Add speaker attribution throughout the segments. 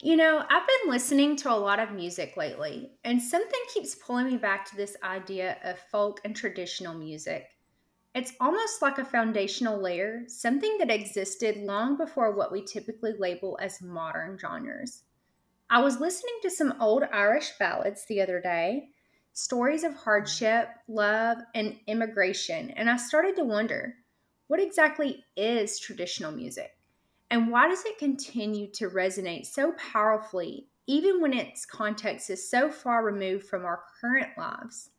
Speaker 1: You know, I've been listening to a lot of music lately, and something keeps pulling me back to this idea of folk and traditional music. It's almost like a foundational layer, something that existed long before what we typically label as modern genres. I was listening to some old Irish ballads the other day, stories of hardship, love, and immigration, and I started to wonder what exactly is traditional music? And why does it continue to resonate so powerfully, even when its context is so far removed from our current lives?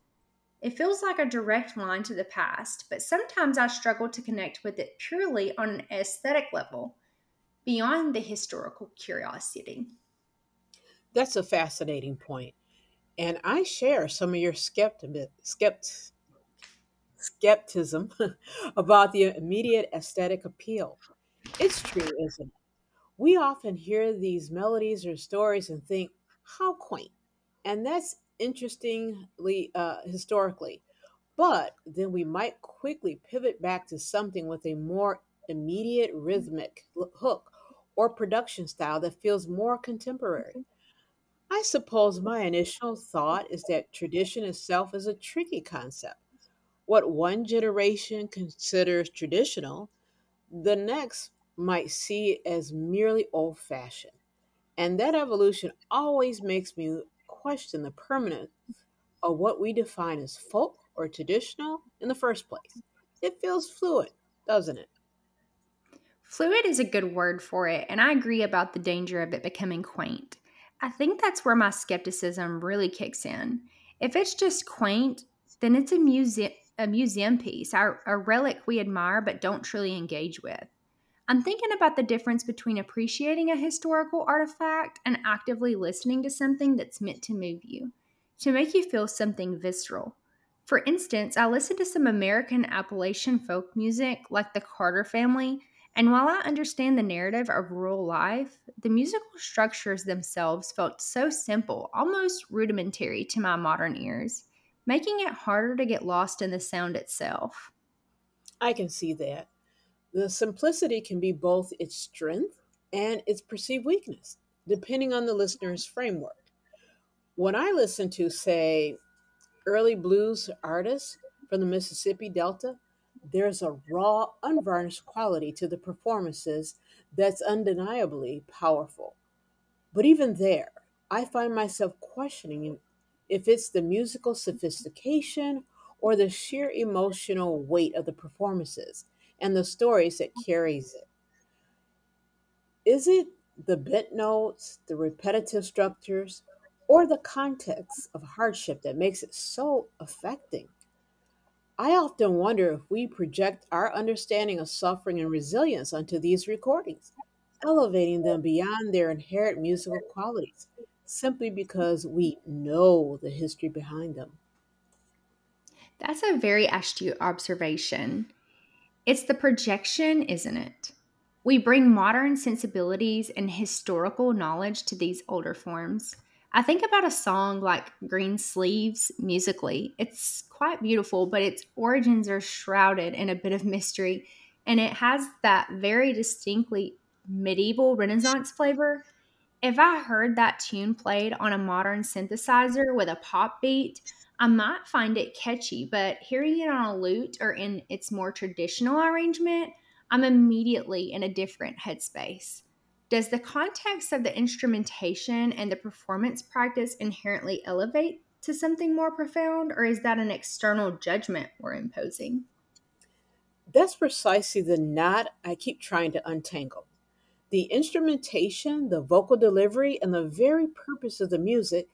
Speaker 1: It feels like a direct line to the past, but sometimes I struggle to connect with it purely on an aesthetic level, beyond the historical curiosity.
Speaker 2: That's a fascinating point, and I share some of your skepticism about the immediate aesthetic appeal. It's true, isn't it? We often hear these melodies or stories and think, how quaint. And that's interestingly historically. But then we might quickly pivot back to something with a more immediate hook or production style that feels more contemporary. I suppose my initial thought is that tradition itself is a tricky concept. What one generation considers traditional, the next might see as merely old fashioned. And that evolution always makes me question the permanence of what we define as folk or traditional in the first place. It feels fluid, doesn't it?
Speaker 1: Fluid is a good word for it, and I agree about the danger of it becoming quaint. I think that's where my skepticism really kicks in. If it's just quaint, then it's a museum piece, a relic we admire but don't truly engage with. I'm thinking about the difference between appreciating a historical artifact and actively listening to something that's meant to move you, to make you feel something visceral. For instance, I listened to some American Appalachian folk music like the Carter family, and while I understand the narrative of rural life, the musical structures themselves felt so simple, almost rudimentary to my modern ears, making it harder to get lost in the sound itself.
Speaker 2: I can see that. The simplicity can be both its strength and its perceived weakness, depending on the listener's framework. When I listen to, say, early blues artists from the Mississippi Delta, there's a raw, unvarnished quality to the performances that's undeniably powerful. But even there, I find myself questioning if it's the musical sophistication or the sheer emotional weight of the performances and the stories that carries it. Is it the bent notes, the repetitive structures, or the context of hardship that makes it so affecting? I often wonder if we project our understanding of suffering and resilience onto these recordings, elevating them beyond their inherent musical qualities simply because we know the history behind them.
Speaker 1: That's a very astute observation. It's the projection, isn't it? We bring modern sensibilities and historical knowledge to these older forms. I think about a song like Green Sleeves musically. It's quite beautiful, but its origins are shrouded in a bit of mystery, and it has that very distinctly medieval Renaissance flavor. If I heard that tune played on a modern synthesizer with a pop beat, I might find it catchy, but hearing it on a lute or in its more traditional arrangement, I'm immediately in a different headspace. Does the context of the instrumentation and the performance practice inherently elevate to something more profound, or is that an external judgment we're imposing?
Speaker 2: That's precisely the knot I keep trying to untangle. The instrumentation, the vocal delivery, and the very purpose of the music,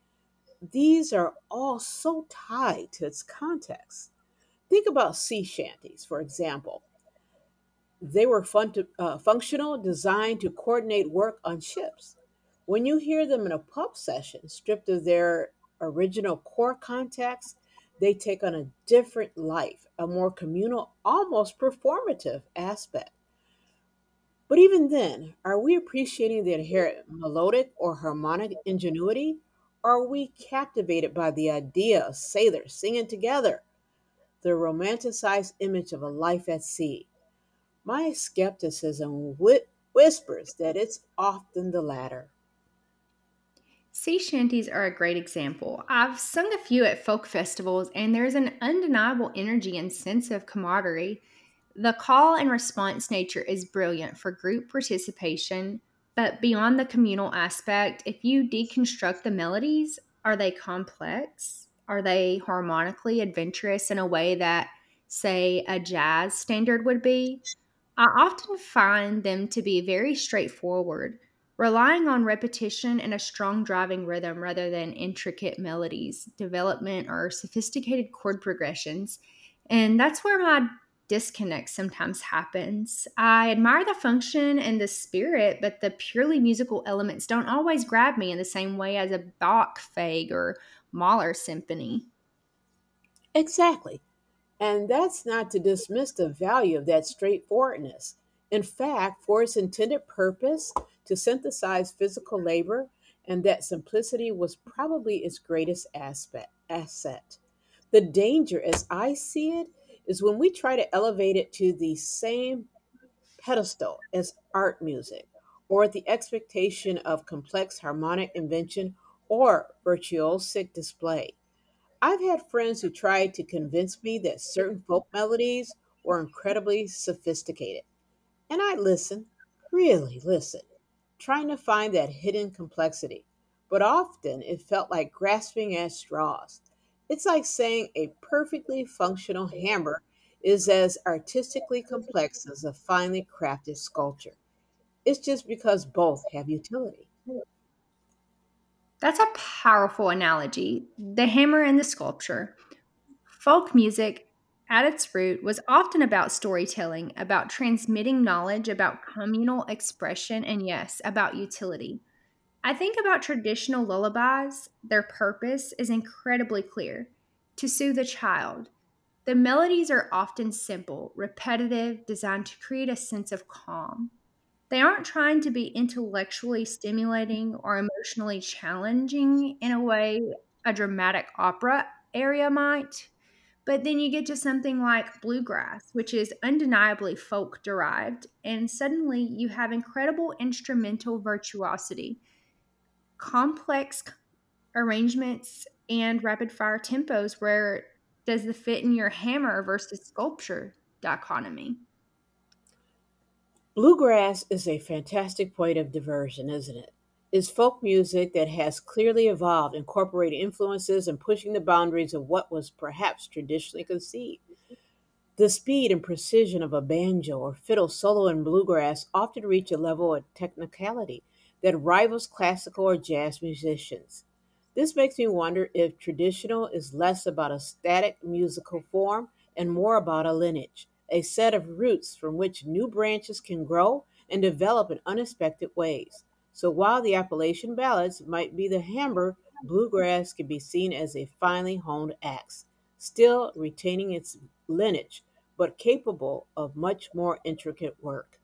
Speaker 2: these are all so tied to its context. Think about sea shanties, for example. They were functional, designed to coordinate work on ships. When you hear them in a pub session, stripped of their original core context, they take on a different life, a more communal, almost performative aspect. But even then, are we appreciating the inherent melodic or harmonic ingenuity? Are we captivated by the idea of sailors singing together, the romanticized image of a life at sea? My whispers that it's often the latter.
Speaker 1: Sea shanties are a great example. I've sung a few at folk festivals, and there's an undeniable energy and sense of camaraderie. The call and response nature is brilliant for group participation, but beyond the communal aspect, if you deconstruct the melodies, are they complex? Are they harmonically adventurous in a way that, say, a jazz standard would be? I often find them to be very straightforward, relying on repetition and a strong driving rhythm rather than intricate melodies, development, or sophisticated chord progressions. And that's where my disconnect sometimes happens. I admire the function and the spirit, but the purely musical elements don't always grab me in the same way as a Bach Fag or Mahler symphony.
Speaker 2: Exactly. And that's not to dismiss the value of that straightforwardness. In fact, for its intended purpose to synthesize physical labor, and that simplicity was probably its asset. The danger, as I see it, is when we try to elevate it to the same pedestal as art music, or at the expectation of complex harmonic invention or virtuosic display. I've had friends who tried to convince me that certain folk melodies were incredibly sophisticated. And I listen, really listen, trying to find that hidden complexity. But often it felt like grasping at straws. It's like saying a perfectly functional hammer is as artistically complex as a finely crafted sculpture. It's just because both have utility.
Speaker 1: That's a powerful analogy. The hammer and the sculpture. Folk music, at its root, was often about storytelling, about transmitting knowledge, about communal expression, and yes, about utility. I think about traditional lullabies, their purpose is incredibly clear to soothe a child. The melodies are often simple, repetitive, designed to create a sense of calm. They aren't trying to be intellectually stimulating or emotionally challenging in a way a dramatic opera area might. But then you get to something like bluegrass, which is undeniably folk derived, and suddenly you have incredible instrumental virtuosity, complex arrangements, and rapid fire tempos. Where does the fit in your hammer versus sculpture dichotomy?
Speaker 2: Bluegrass is a fantastic point of diversion, isn't it? It's folk music that has clearly evolved, incorporating influences and pushing the boundaries of what was perhaps traditionally conceived. The speed and precision of a banjo or fiddle solo in bluegrass often reach a level of technicality that rivals classical or jazz musicians. This makes me wonder if traditional is less about a static musical form and more about a lineage, a set of roots from which new branches can grow and develop in unexpected ways. So while the Appalachian ballads might be the hammer, bluegrass can be seen as a finely honed axe still retaining its lineage, but capable of much more intricate work.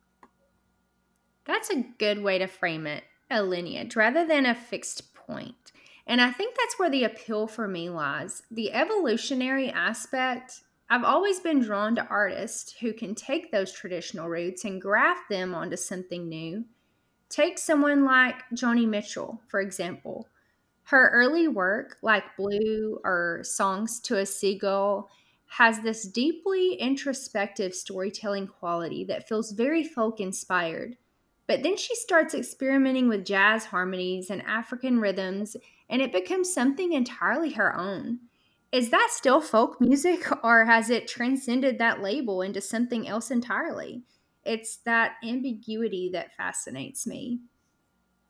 Speaker 1: That's a good way to frame it, a lineage rather than a fixed point. And I think that's where the appeal for me lies. The evolutionary aspect, I've always been drawn to artists who can take those traditional roots and graft them onto something new. Take someone like Johnny Mitchell, for example. Her early work, like Blue or Songs to a Seagull, has this deeply introspective storytelling quality that feels very folk inspired. But then she starts experimenting with jazz harmonies and African rhythms, and it becomes something entirely her own. Is that still folk music, or has it transcended that label into something else entirely? It's that ambiguity that fascinates me.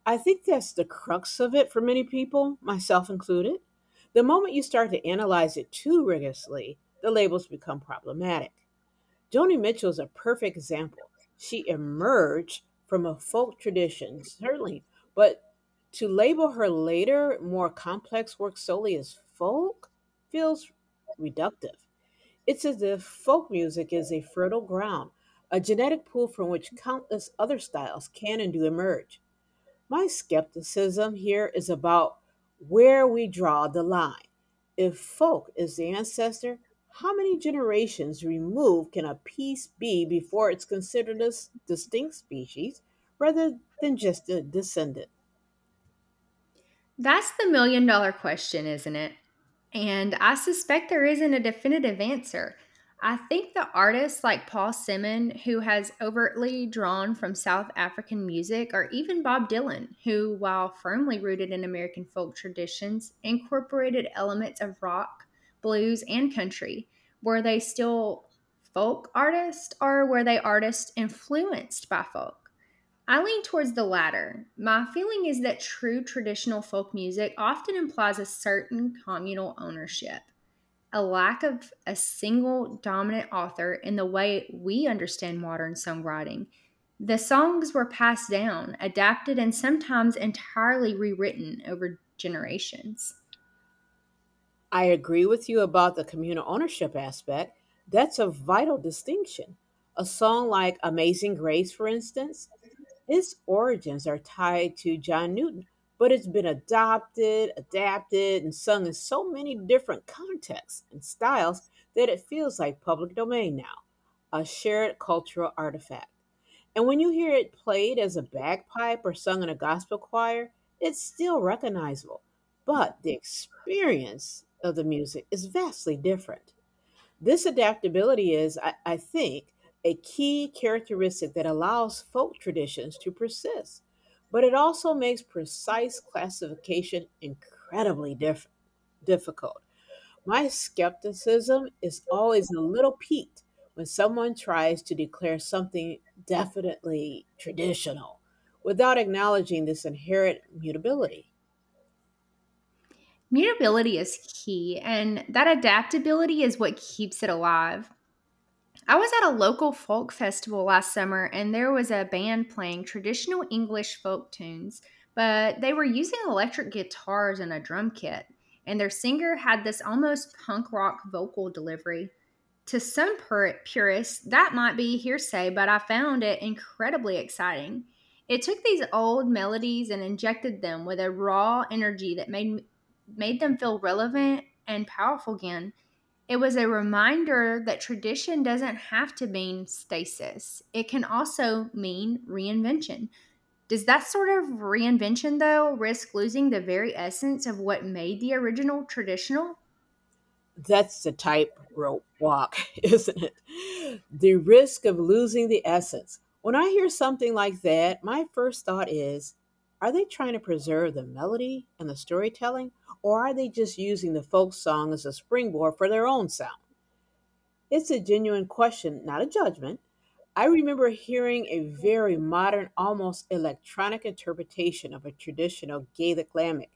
Speaker 2: I think that's the crux of it for many people, myself included. The moment you start to analyze it too rigorously, the labels become problematic. Joni Mitchell is a perfect example. She emerged from a folk tradition, certainly, but to label her later, more complex work solely as folk feels reductive. It's as if folk music is a fertile ground, a genetic pool from which countless other styles can and do emerge. My skepticism here is about where we draw the line. If folk is the ancestor, how many generations removed can a piece be before it's considered distinct species rather than just a descendant?
Speaker 1: That's the million dollar question, isn't it? And I suspect there isn't a definitive answer. I think the artists like Paul Simon, who has overtly drawn from South African music, or even Bob Dylan, who, while firmly rooted in American folk traditions, incorporated elements of rock, blues, and country. Were they still folk artists, or were they artists influenced by folk? I lean towards the latter. My feeling is that true traditional folk music often implies a certain communal ownership, a lack of a single dominant author in the way we understand modern songwriting. The songs were passed down, adapted, and sometimes entirely rewritten over generations.
Speaker 2: I agree with you about the communal ownership aspect. That's a vital distinction. A song like Amazing Grace, for instance, its origins are tied to John Newton, but it's been adopted, adapted, and sung in so many different contexts and styles that it feels like public domain now, a shared cultural artifact. And when you hear it played as a bagpipe or sung in a gospel choir, it's still recognizable, but the experience of the music is vastly different. This adaptability is, I think, a key characteristic that allows folk traditions to persist, but it also makes precise classification difficult. My skepticism is always a little piqued when someone tries to declare something definitely traditional without acknowledging this inherent mutability.
Speaker 1: Mutability is key, and that adaptability is what keeps it alive. I was at a local folk festival last summer and there was a band playing traditional English folk tunes, but they were using electric guitars and a drum kit. And their singer had this almost punk rock vocal delivery. To some purists, that might be hearsay, but I found it incredibly exciting. It took these old melodies and injected them with a raw energy that made them feel relevant and powerful again. It was a reminder that tradition doesn't have to mean stasis. It can also mean reinvention. Does that sort of reinvention, though, risk losing the very essence of what made the original traditional?
Speaker 2: That's the tightrope walk, isn't it? The risk of losing the essence. When I hear something like that, my first thought is, are they trying to preserve the melody and the storytelling, or are they just using the folk song as a springboard for their own sound? It's a genuine question, not a judgment. I remember hearing a very modern, almost electronic interpretation of a traditional Gaelic lambic.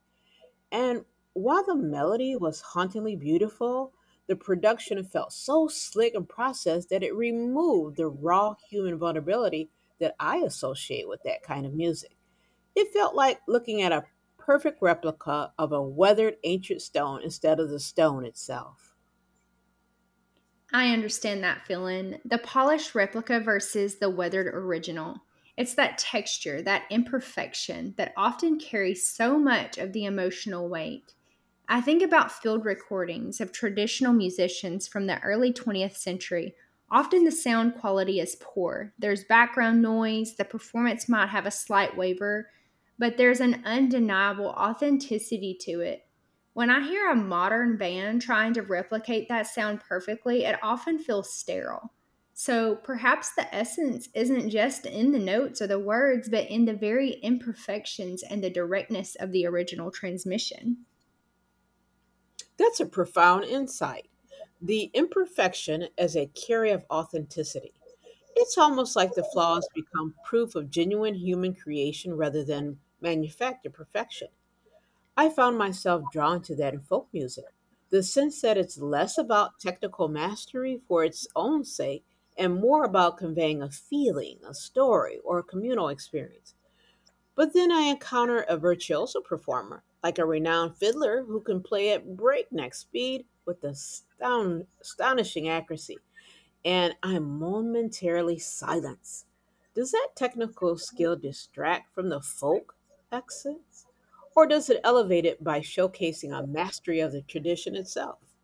Speaker 2: And while the melody was hauntingly beautiful, the production felt so slick and processed that it removed the raw human vulnerability that I associate with that kind of music. It felt like looking at a perfect replica of a weathered ancient stone instead of the stone itself.
Speaker 1: I understand that feeling. The polished replica versus the weathered original. It's that texture, that imperfection that often carries so much of the emotional weight. I think about field recordings of traditional musicians from the early 20th century. Often the sound quality is poor. There's background noise, the performance might have a slight waver, but there's an undeniable authenticity to it. When I hear a modern band trying to replicate that sound perfectly, it often feels sterile. So perhaps the essence isn't just in the notes or the words, but in the very imperfections and the directness of the original transmission.
Speaker 2: That's a profound insight. The imperfection as a carrier of authenticity. It's almost like the flaws become proof of genuine human creation rather than manufactured perfection. I found myself drawn to that in folk music. The sense that it's less about technical mastery for its own sake and more about conveying a feeling, a story, or a communal experience. But then I encounter a virtuoso performer, like a renowned fiddler who can play at breakneck speed with astonishing accuracy, and I'm momentarily silenced. Does that technical skill distract from the folk accents? Or does it elevate it by showcasing a mastery of the tradition itself?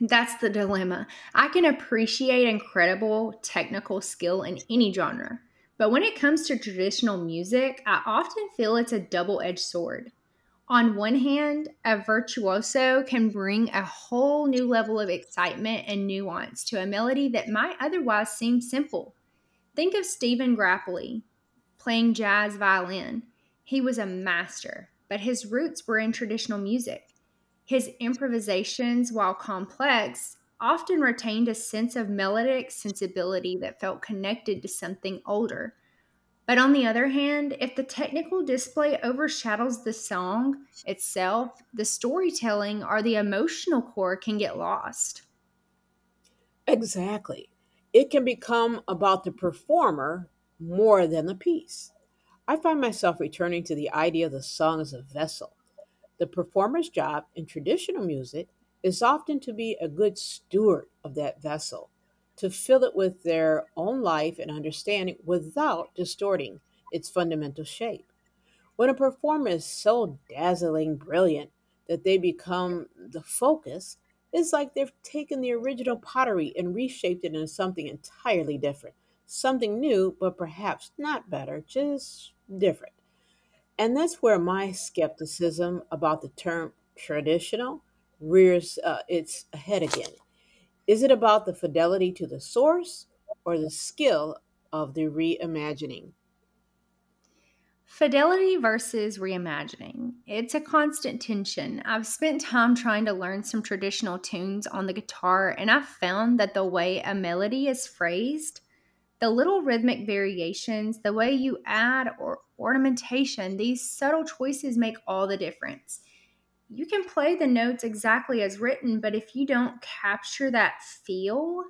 Speaker 1: That's the dilemma. I can appreciate incredible technical skill in any genre, but when it comes to traditional music, I often feel it's a double edged sword. On one hand, a virtuoso can bring a whole new level of excitement and nuance to a melody that might otherwise seem simple. Think of Stephen Grappelli playing jazz violin. He was a master, but his roots were in traditional music. His improvisations, while complex, often retained a sense of melodic sensibility that felt connected to something older. But on the other hand, if the technical display overshadows the song itself, the storytelling or the emotional core can get lost.
Speaker 2: Exactly. It can become about the performer more than the piece. I find myself returning to the idea of the song as a vessel. The performer's job in traditional music is often to be a good steward of that vessel, to fill it with their own life and understanding without distorting its fundamental shape. When a performer is so dazzling brilliant that they become the focus, it's like they've taken the original pottery and reshaped it into something entirely different. Something new, but perhaps not better, just different. And that's where my skepticism about the term traditional rears its head again. Is it about the fidelity to the source or the skill of the reimagining?
Speaker 1: Fidelity versus reimagining. It's a constant tension. I've spent time trying to learn some traditional tunes on the guitar, and I've found that the way a melody is phrased, the little rhythmic variations, the way you add or ornamentation, these subtle choices make all the difference. You can play the notes exactly as written, but if you don't capture that feel,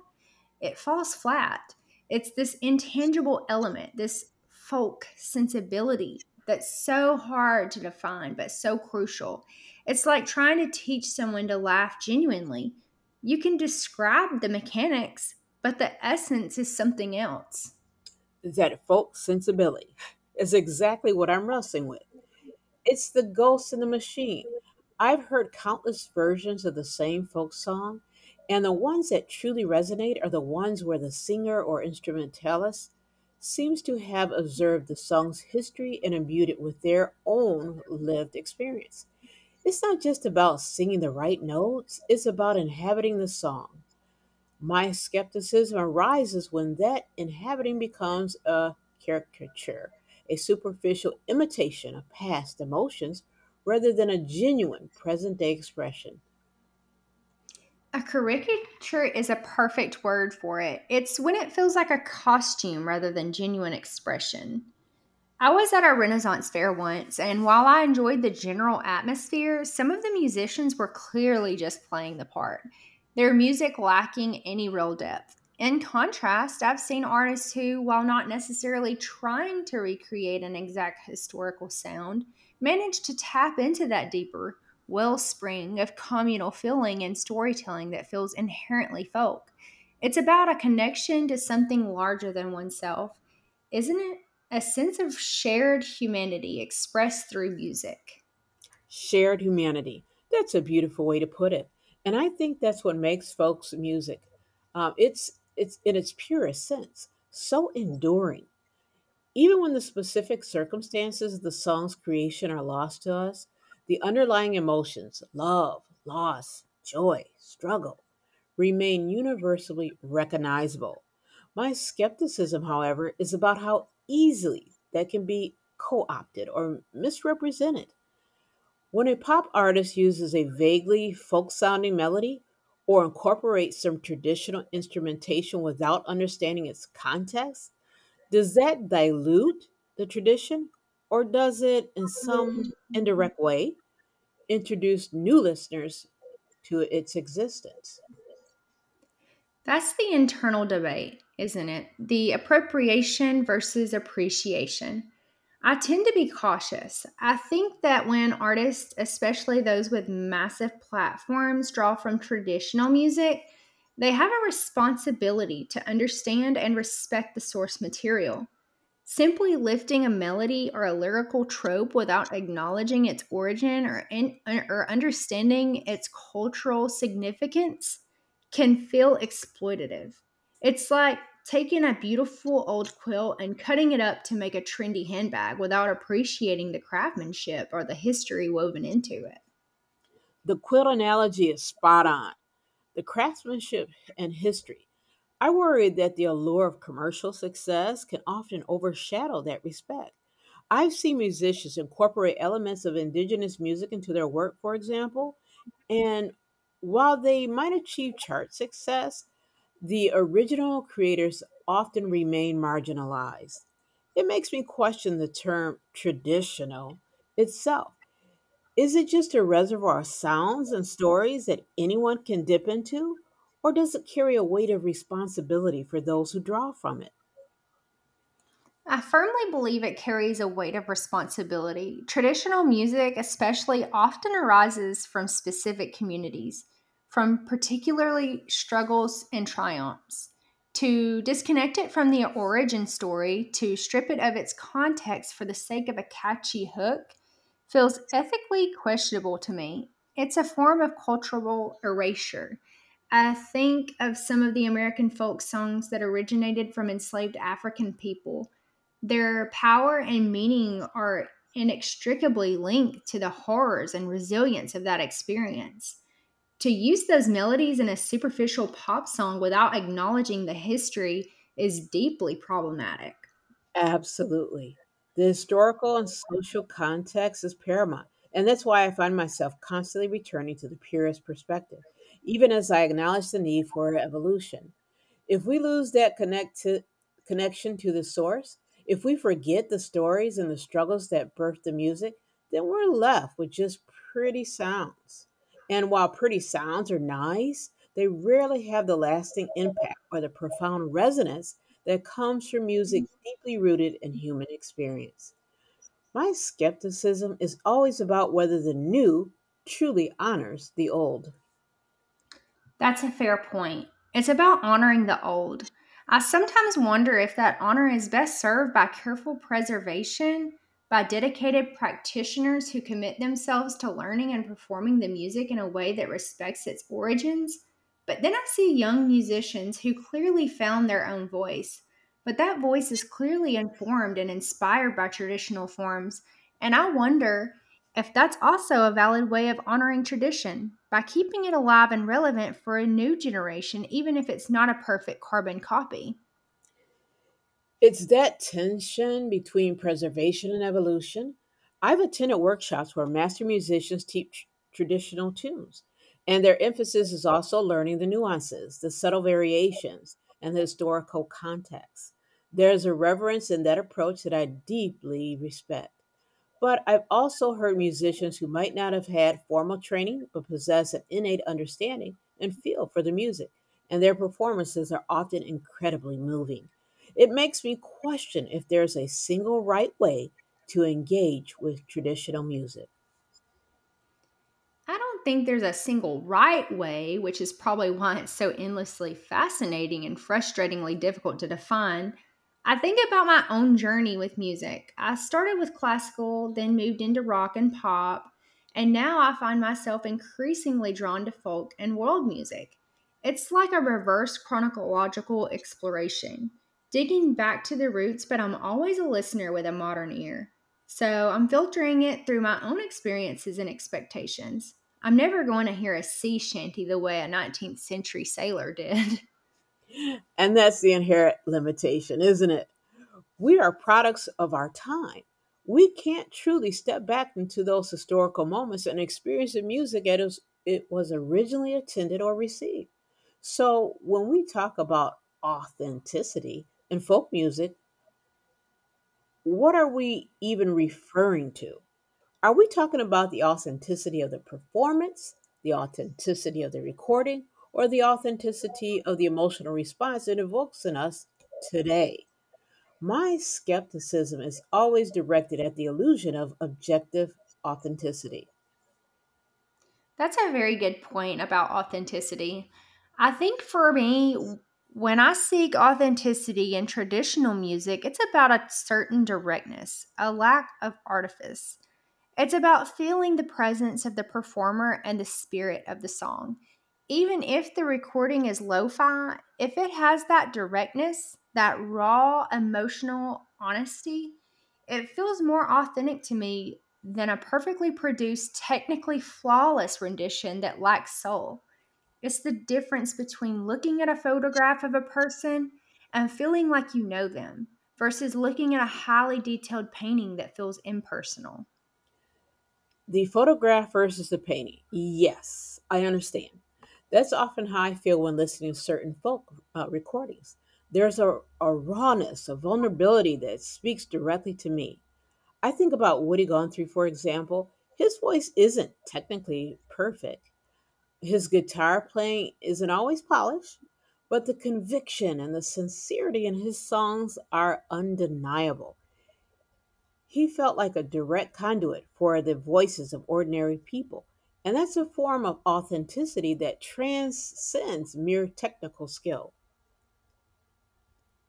Speaker 1: it falls flat. It's this intangible element, this folk sensibility that's so hard to define, but so crucial. It's like trying to teach someone to laugh genuinely. You can describe the mechanics, but the essence is something else.
Speaker 2: That folk sensibility is exactly what I'm wrestling with. It's the ghost in the machine. I've heard countless versions of the same folk song, and the ones that truly resonate are the ones where the singer or instrumentalist seems to have observed the song's history and imbued it with their own lived experience. It's not just about singing the right notes, it's about inhabiting the song. My skepticism arises when that inhabiting becomes a caricature, a superficial imitation of past emotions rather than a genuine present day expression.
Speaker 1: A caricature is a perfect word for it. It's when it feels like a costume rather than genuine expression. I was at a Renaissance fair once, and while I enjoyed the general atmosphere, some of the musicians were clearly just playing the part, their music lacking any real depth. In contrast, I've seen artists who, while not necessarily trying to recreate an exact historical sound, manage to tap into that deeper wellspring of communal feeling and storytelling that feels inherently folk. It's about a connection to something larger than oneself, isn't it? A sense of shared humanity expressed through music.
Speaker 2: Shared humanity. That's a beautiful way to put it. And I think that's what makes folks music. It's in its purest sense so enduring. Even when the specific circumstances of the song's creation are lost to us, the underlying emotions, love, loss, joy, struggle, remain universally recognizable. My skepticism, however, is about how easily that can be co opted or misrepresented. When a pop artist uses a vaguely folk sounding melody or incorporates some traditional instrumentation without understanding its context, does that dilute the tradition, or does it in some indirect way introduce new listeners to its existence?
Speaker 1: That's the internal debate, isn't it? The appropriation versus appreciation. I tend to be cautious. I think that when artists, especially those with massive platforms, draw from traditional music, they have a responsibility to understand and respect the source material. Simply lifting a melody or a lyrical trope without acknowledging its origin or understanding its cultural significance can feel exploitative. It's like taking a beautiful old quilt and cutting it up to make a trendy handbag without appreciating the craftsmanship or the history woven into it.
Speaker 2: The quilt analogy is spot on. The craftsmanship and history. I worry that the allure of commercial success can often overshadow that respect. I've seen musicians incorporate elements of indigenous music into their work, for example, and while they might achieve chart success, the original creators often remain marginalized. It makes me question the term traditional itself. Is it just a reservoir of sounds and stories that anyone can dip into? Or does it carry a weight of responsibility for those who draw from it?
Speaker 1: I firmly believe it carries a weight of responsibility. Traditional music, especially, often arises from specific communities, from particularly struggles and triumphs. To disconnect it from the origin story, to strip it of its context for the sake of a catchy hook, feels ethically questionable to me. It's a form of cultural erasure. I think of some of the American folk songs that originated from enslaved African people, their power and meaning are inextricably linked to the horrors and resilience of that experience. To use those melodies in a superficial pop song without acknowledging the history is deeply problematic.
Speaker 2: Absolutely. The historical and social context is paramount. And that's why I find myself constantly returning to the purest perspective, even as I acknowledge the need for evolution. If we lose that connect to, connection to the source, if we forget the stories and the struggles that birthed the music, then we're left with just pretty sounds. And while pretty sounds are nice, they rarely have the lasting impact or the profound resonance that comes from music deeply rooted in human experience. My skepticism is always about whether the new truly honors the old.
Speaker 1: That's a fair point. It's about honoring the old. I sometimes wonder if that honor is best served by careful preservation, by dedicated practitioners who commit themselves to learning and performing the music in a way that respects its origins. But then I see young musicians who clearly found their own voice, but that voice is clearly informed and inspired by traditional forms. And I wonder if that's also a valid way of honoring tradition by keeping it alive and relevant for a new generation, even if it's not a perfect carbon copy.
Speaker 2: It's that tension between preservation and evolution. I've attended workshops where master musicians teach traditional tunes, and their emphasis is also learning the nuances, the subtle variations, and the historical context. There's a reverence in that approach that I deeply respect. But I've also heard musicians who might not have had formal training but possess an innate understanding and feel for the music, and their performances are often incredibly moving. It makes me question if there's a single right way to engage with traditional music.
Speaker 1: I don't think there's a single right way, which is probably why it's so endlessly fascinating and frustratingly difficult to define. I think about my own journey with music. I started with classical, then moved into rock and pop, and now I find myself increasingly drawn to folk and world music. It's like a reverse chronological exploration, digging back to the roots, but I'm always a listener with a modern ear. So I'm filtering it through my own experiences and expectations. I'm never going to hear a sea shanty the way a 19th century sailor did.
Speaker 2: And that's the inherent limitation, isn't it? We are products of our time. We can't truly step back into those historical moments and experience the music as it was originally intended or received. So, when we talk about authenticity in folk music, what are we even referring to? Are we talking about the authenticity of the performance, the authenticity of the recording, or the authenticity of the emotional response it evokes in us today? My skepticism is always directed at the illusion of objective authenticity.
Speaker 1: That's a very good point about authenticity. I think for me, when I seek authenticity in traditional music, it's about a certain directness, a lack of artifice. It's about feeling the presence of the performer and the spirit of the song. Even if the recording is lo fi, if it has that directness, that raw emotional honesty, it feels more authentic to me than a perfectly produced, technically flawless rendition that lacks soul. It's the difference between looking at a photograph of a person and feeling like you know them versus looking at a highly detailed painting that feels impersonal.
Speaker 2: The photograph versus the painting. Yes, I understand. That's often how I feel when listening to certain folk recordings. There's a rawness, a vulnerability that speaks directly to me. I think about Woody Guthrie, for example. His voice isn't technically perfect. His guitar playing isn't always polished, but the conviction and the sincerity in his songs are undeniable. He felt like a direct conduit for the voices of ordinary people. And
Speaker 1: He
Speaker 2: that's a
Speaker 1: was
Speaker 2: form of
Speaker 1: also a member of the
Speaker 2: authenticity that
Speaker 1: American Academy
Speaker 2: transcends mere technical
Speaker 1: of
Speaker 2: skill.
Speaker 1: Sciences.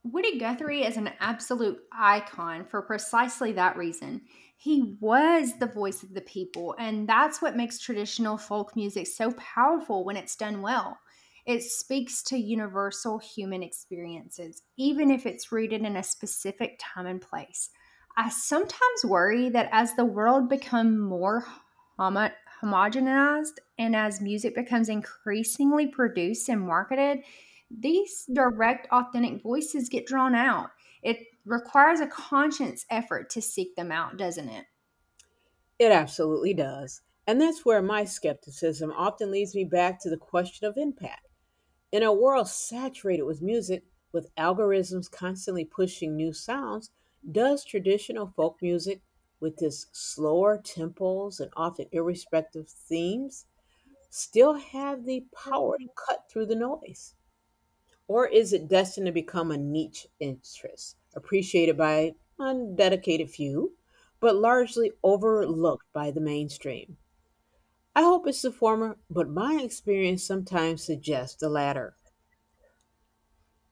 Speaker 1: Woody Guthrie is an absolute icon for precisely that reason. He was the voice of the people, and that's what makes traditional folk music so powerful when it's done well. It speaks to universal human experiences, even if it's rooted in a specific time and place. I sometimes worry that as the world becomes more homo- homogenized and as music becomes increasingly produced and marketed, these direct, authentic voices get drawn out. It requires a conscious effort to seek them out, doesn't it?
Speaker 2: It absolutely does. And that's where my skepticism often leads me back to the question of impact. In a world saturated with music, with algorithms constantly pushing new sounds, does traditional folk music, with its slower tempos and often irrespective themes, still have the power to cut through the noise? Or is it destined to become a niche interest, appreciated by a dedicated few, but largely overlooked by the mainstream? I hope it's the former, but my experience sometimes suggests the latter.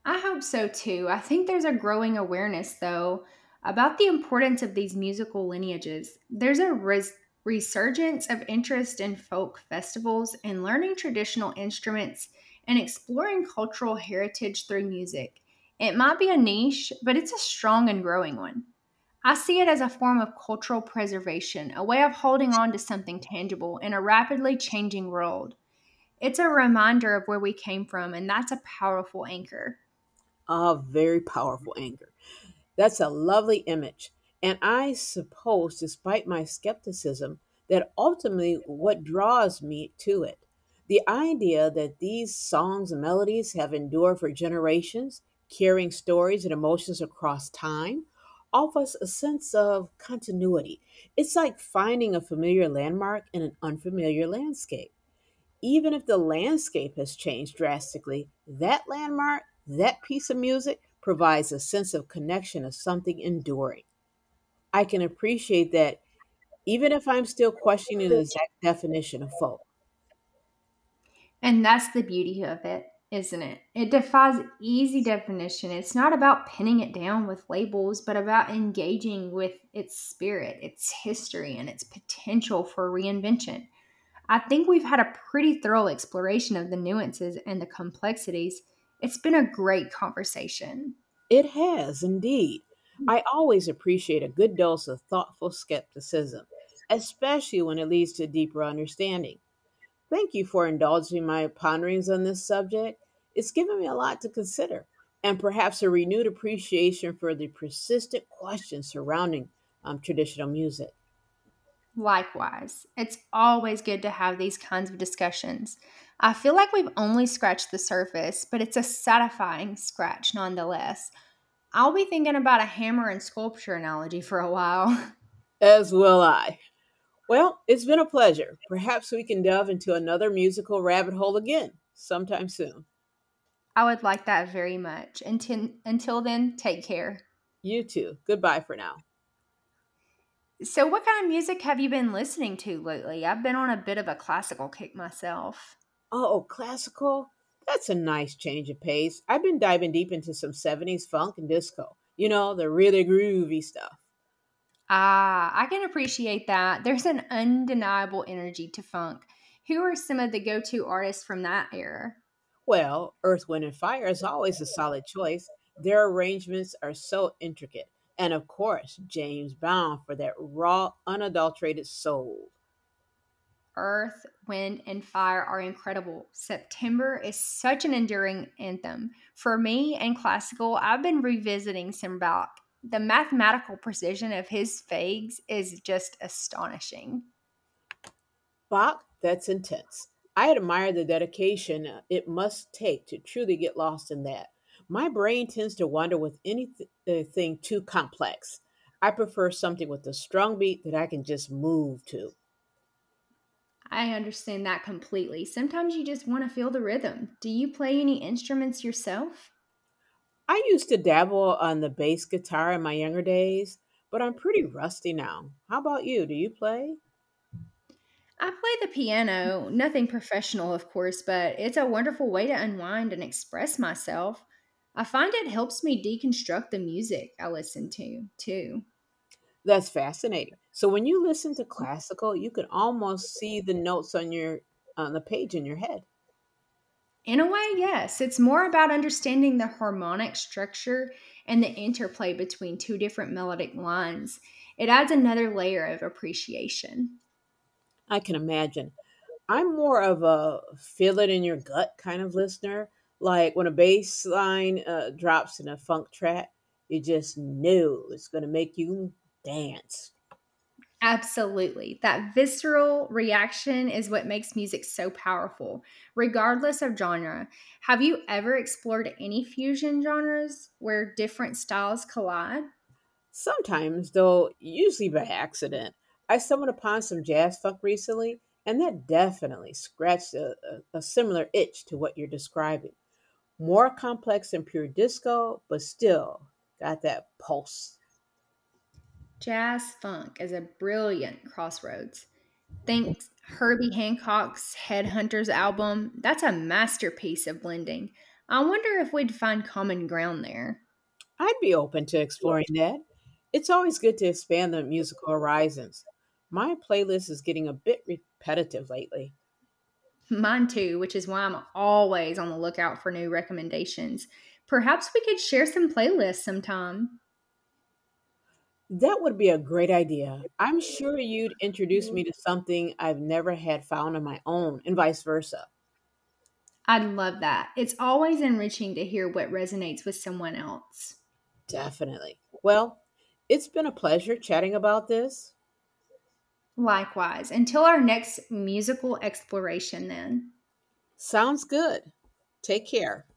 Speaker 1: I hope so too. I think there's a growing awareness, though, about the importance of these musical lineages. There's a resurgence of interest in folk festivals and learning traditional instruments and exploring cultural heritage through music. It might be a niche, but it's a strong and growing one. I see it as a form of cultural preservation, a way of holding on to something tangible in a rapidly changing world. It's a reminder of where we came from, and that's a powerful anchor.
Speaker 2: A very powerful anger. That's a lovely image. And I suppose, despite my skepticism, that ultimately what draws me to it. The idea that these songs and melodies have endured for generations, carrying stories and emotions across time, offers a sense of continuity. It's like finding a familiar landmark in an unfamiliar landscape even if the landscape has changed drastically, that landmark, that piece of music provides a sense of connection of something enduring. I can appreciate that even if I'm still questioning the exact definition of folk.
Speaker 1: And that's the beauty of it, isn't it? It defies easy definition. It's not about pinning it down with labels, but about engaging with its spirit, its history, and its potential for reinvention. I think we've had a pretty thorough exploration of the nuances and the complexities. It's been a great conversation.
Speaker 2: It has indeed.
Speaker 1: Hmm.
Speaker 2: I always appreciate a good dose of thoughtful skepticism, especially when it leads to deeper understanding. Thank you for indulging my ponderings on this subject. It's given me a lot to consider and perhaps a renewed appreciation for the persistent questions surrounding traditional music.
Speaker 1: Likewise, it's always good to have these kinds of discussions. I feel like we've only scratched the surface, but it's a satisfying scratch nonetheless. I'll be thinking about a hammer and sculpture analogy for a while.
Speaker 2: As will I. Well, it's been a pleasure. Perhaps we can delve into another musical rabbit hole again sometime soon.
Speaker 1: I would like that very much. Until then, take care.
Speaker 2: You too. Goodbye for now.
Speaker 1: So, what kind of music have you been listening to lately? I've been on a bit of a classical kick myself.
Speaker 2: Oh, classical? That's a nice change of pace. I've been diving deep into some 70s funk and disco. You know, the really groovy stuff.
Speaker 1: Ah, I can appreciate that. There's an undeniable energy to funk. Who are some of the go to artists from that era?
Speaker 2: Well, Earth, Wind, and Fire is always a solid choice. Their arrangements are so intricate. And of course, James Brown for that raw, unadulterated soul.
Speaker 1: Earth, Wind, and Fire are incredible. September is such an enduring anthem. For me and classical, I've been revisiting Simbach. The mathematical precision of his fags is just astonishing.
Speaker 2: Bach, that's intense. I admire the dedication it must take to truly get lost in that. My brain tends to wander with anything too complex. I prefer something with a strong beat that I can just move to.
Speaker 1: I understand that completely. Sometimes you just want to feel the rhythm. Do you play any instruments yourself?
Speaker 2: I used to dabble on the bass guitar in my younger days, but I'm pretty rusty now. How about you? Do you play?
Speaker 1: I play the piano, nothing professional, of course, but it's a wonderful way to unwind and express myself. I find it helps me deconstruct the music I listen to, too.
Speaker 2: That's fascinating. So when you listen to classical, you can almost see the notes on your on the page in your head.
Speaker 1: In a way, yes, it's more about understanding the harmonic structure and the interplay between two different melodic lines. It adds another layer of appreciation.
Speaker 2: I can imagine. I'm more of a feel it in your gut kind of listener. Like when a bass line drops in a funk track, you just know it's going to make you dance.
Speaker 1: Absolutely. That visceral reaction is what makes music so powerful, regardless of genre. Have you ever explored any fusion genres where different styles collide?
Speaker 2: Sometimes, though usually by accident, I stumbled upon some jazz funk recently, and that definitely scratched a similar itch to what you're describing. More complex than pure disco, but still got that pulse.
Speaker 1: Jazz funk is a brilliant crossroads. Think Herbie Hancock's Headhunters album. That's a masterpiece of blending. I wonder if we'd find common ground there.
Speaker 2: I'd be open to exploring that. It's always good to expand the musical horizons. My playlist is getting a bit repetitive lately.
Speaker 1: Mine too, which is why I'm always on the lookout for new recommendations. Perhaps we could share some playlists sometime.
Speaker 2: That would be a great idea. I'm sure you'd introduce
Speaker 1: Mhm.
Speaker 2: me to something I've never had found on my own, and vice versa.
Speaker 1: I'd love that. It's always enriching to hear what resonates with someone else.
Speaker 2: Definitely. Well, it's been a pleasure chatting about this.
Speaker 1: Likewise, until our next musical exploration, then.
Speaker 2: Sounds good. Take care.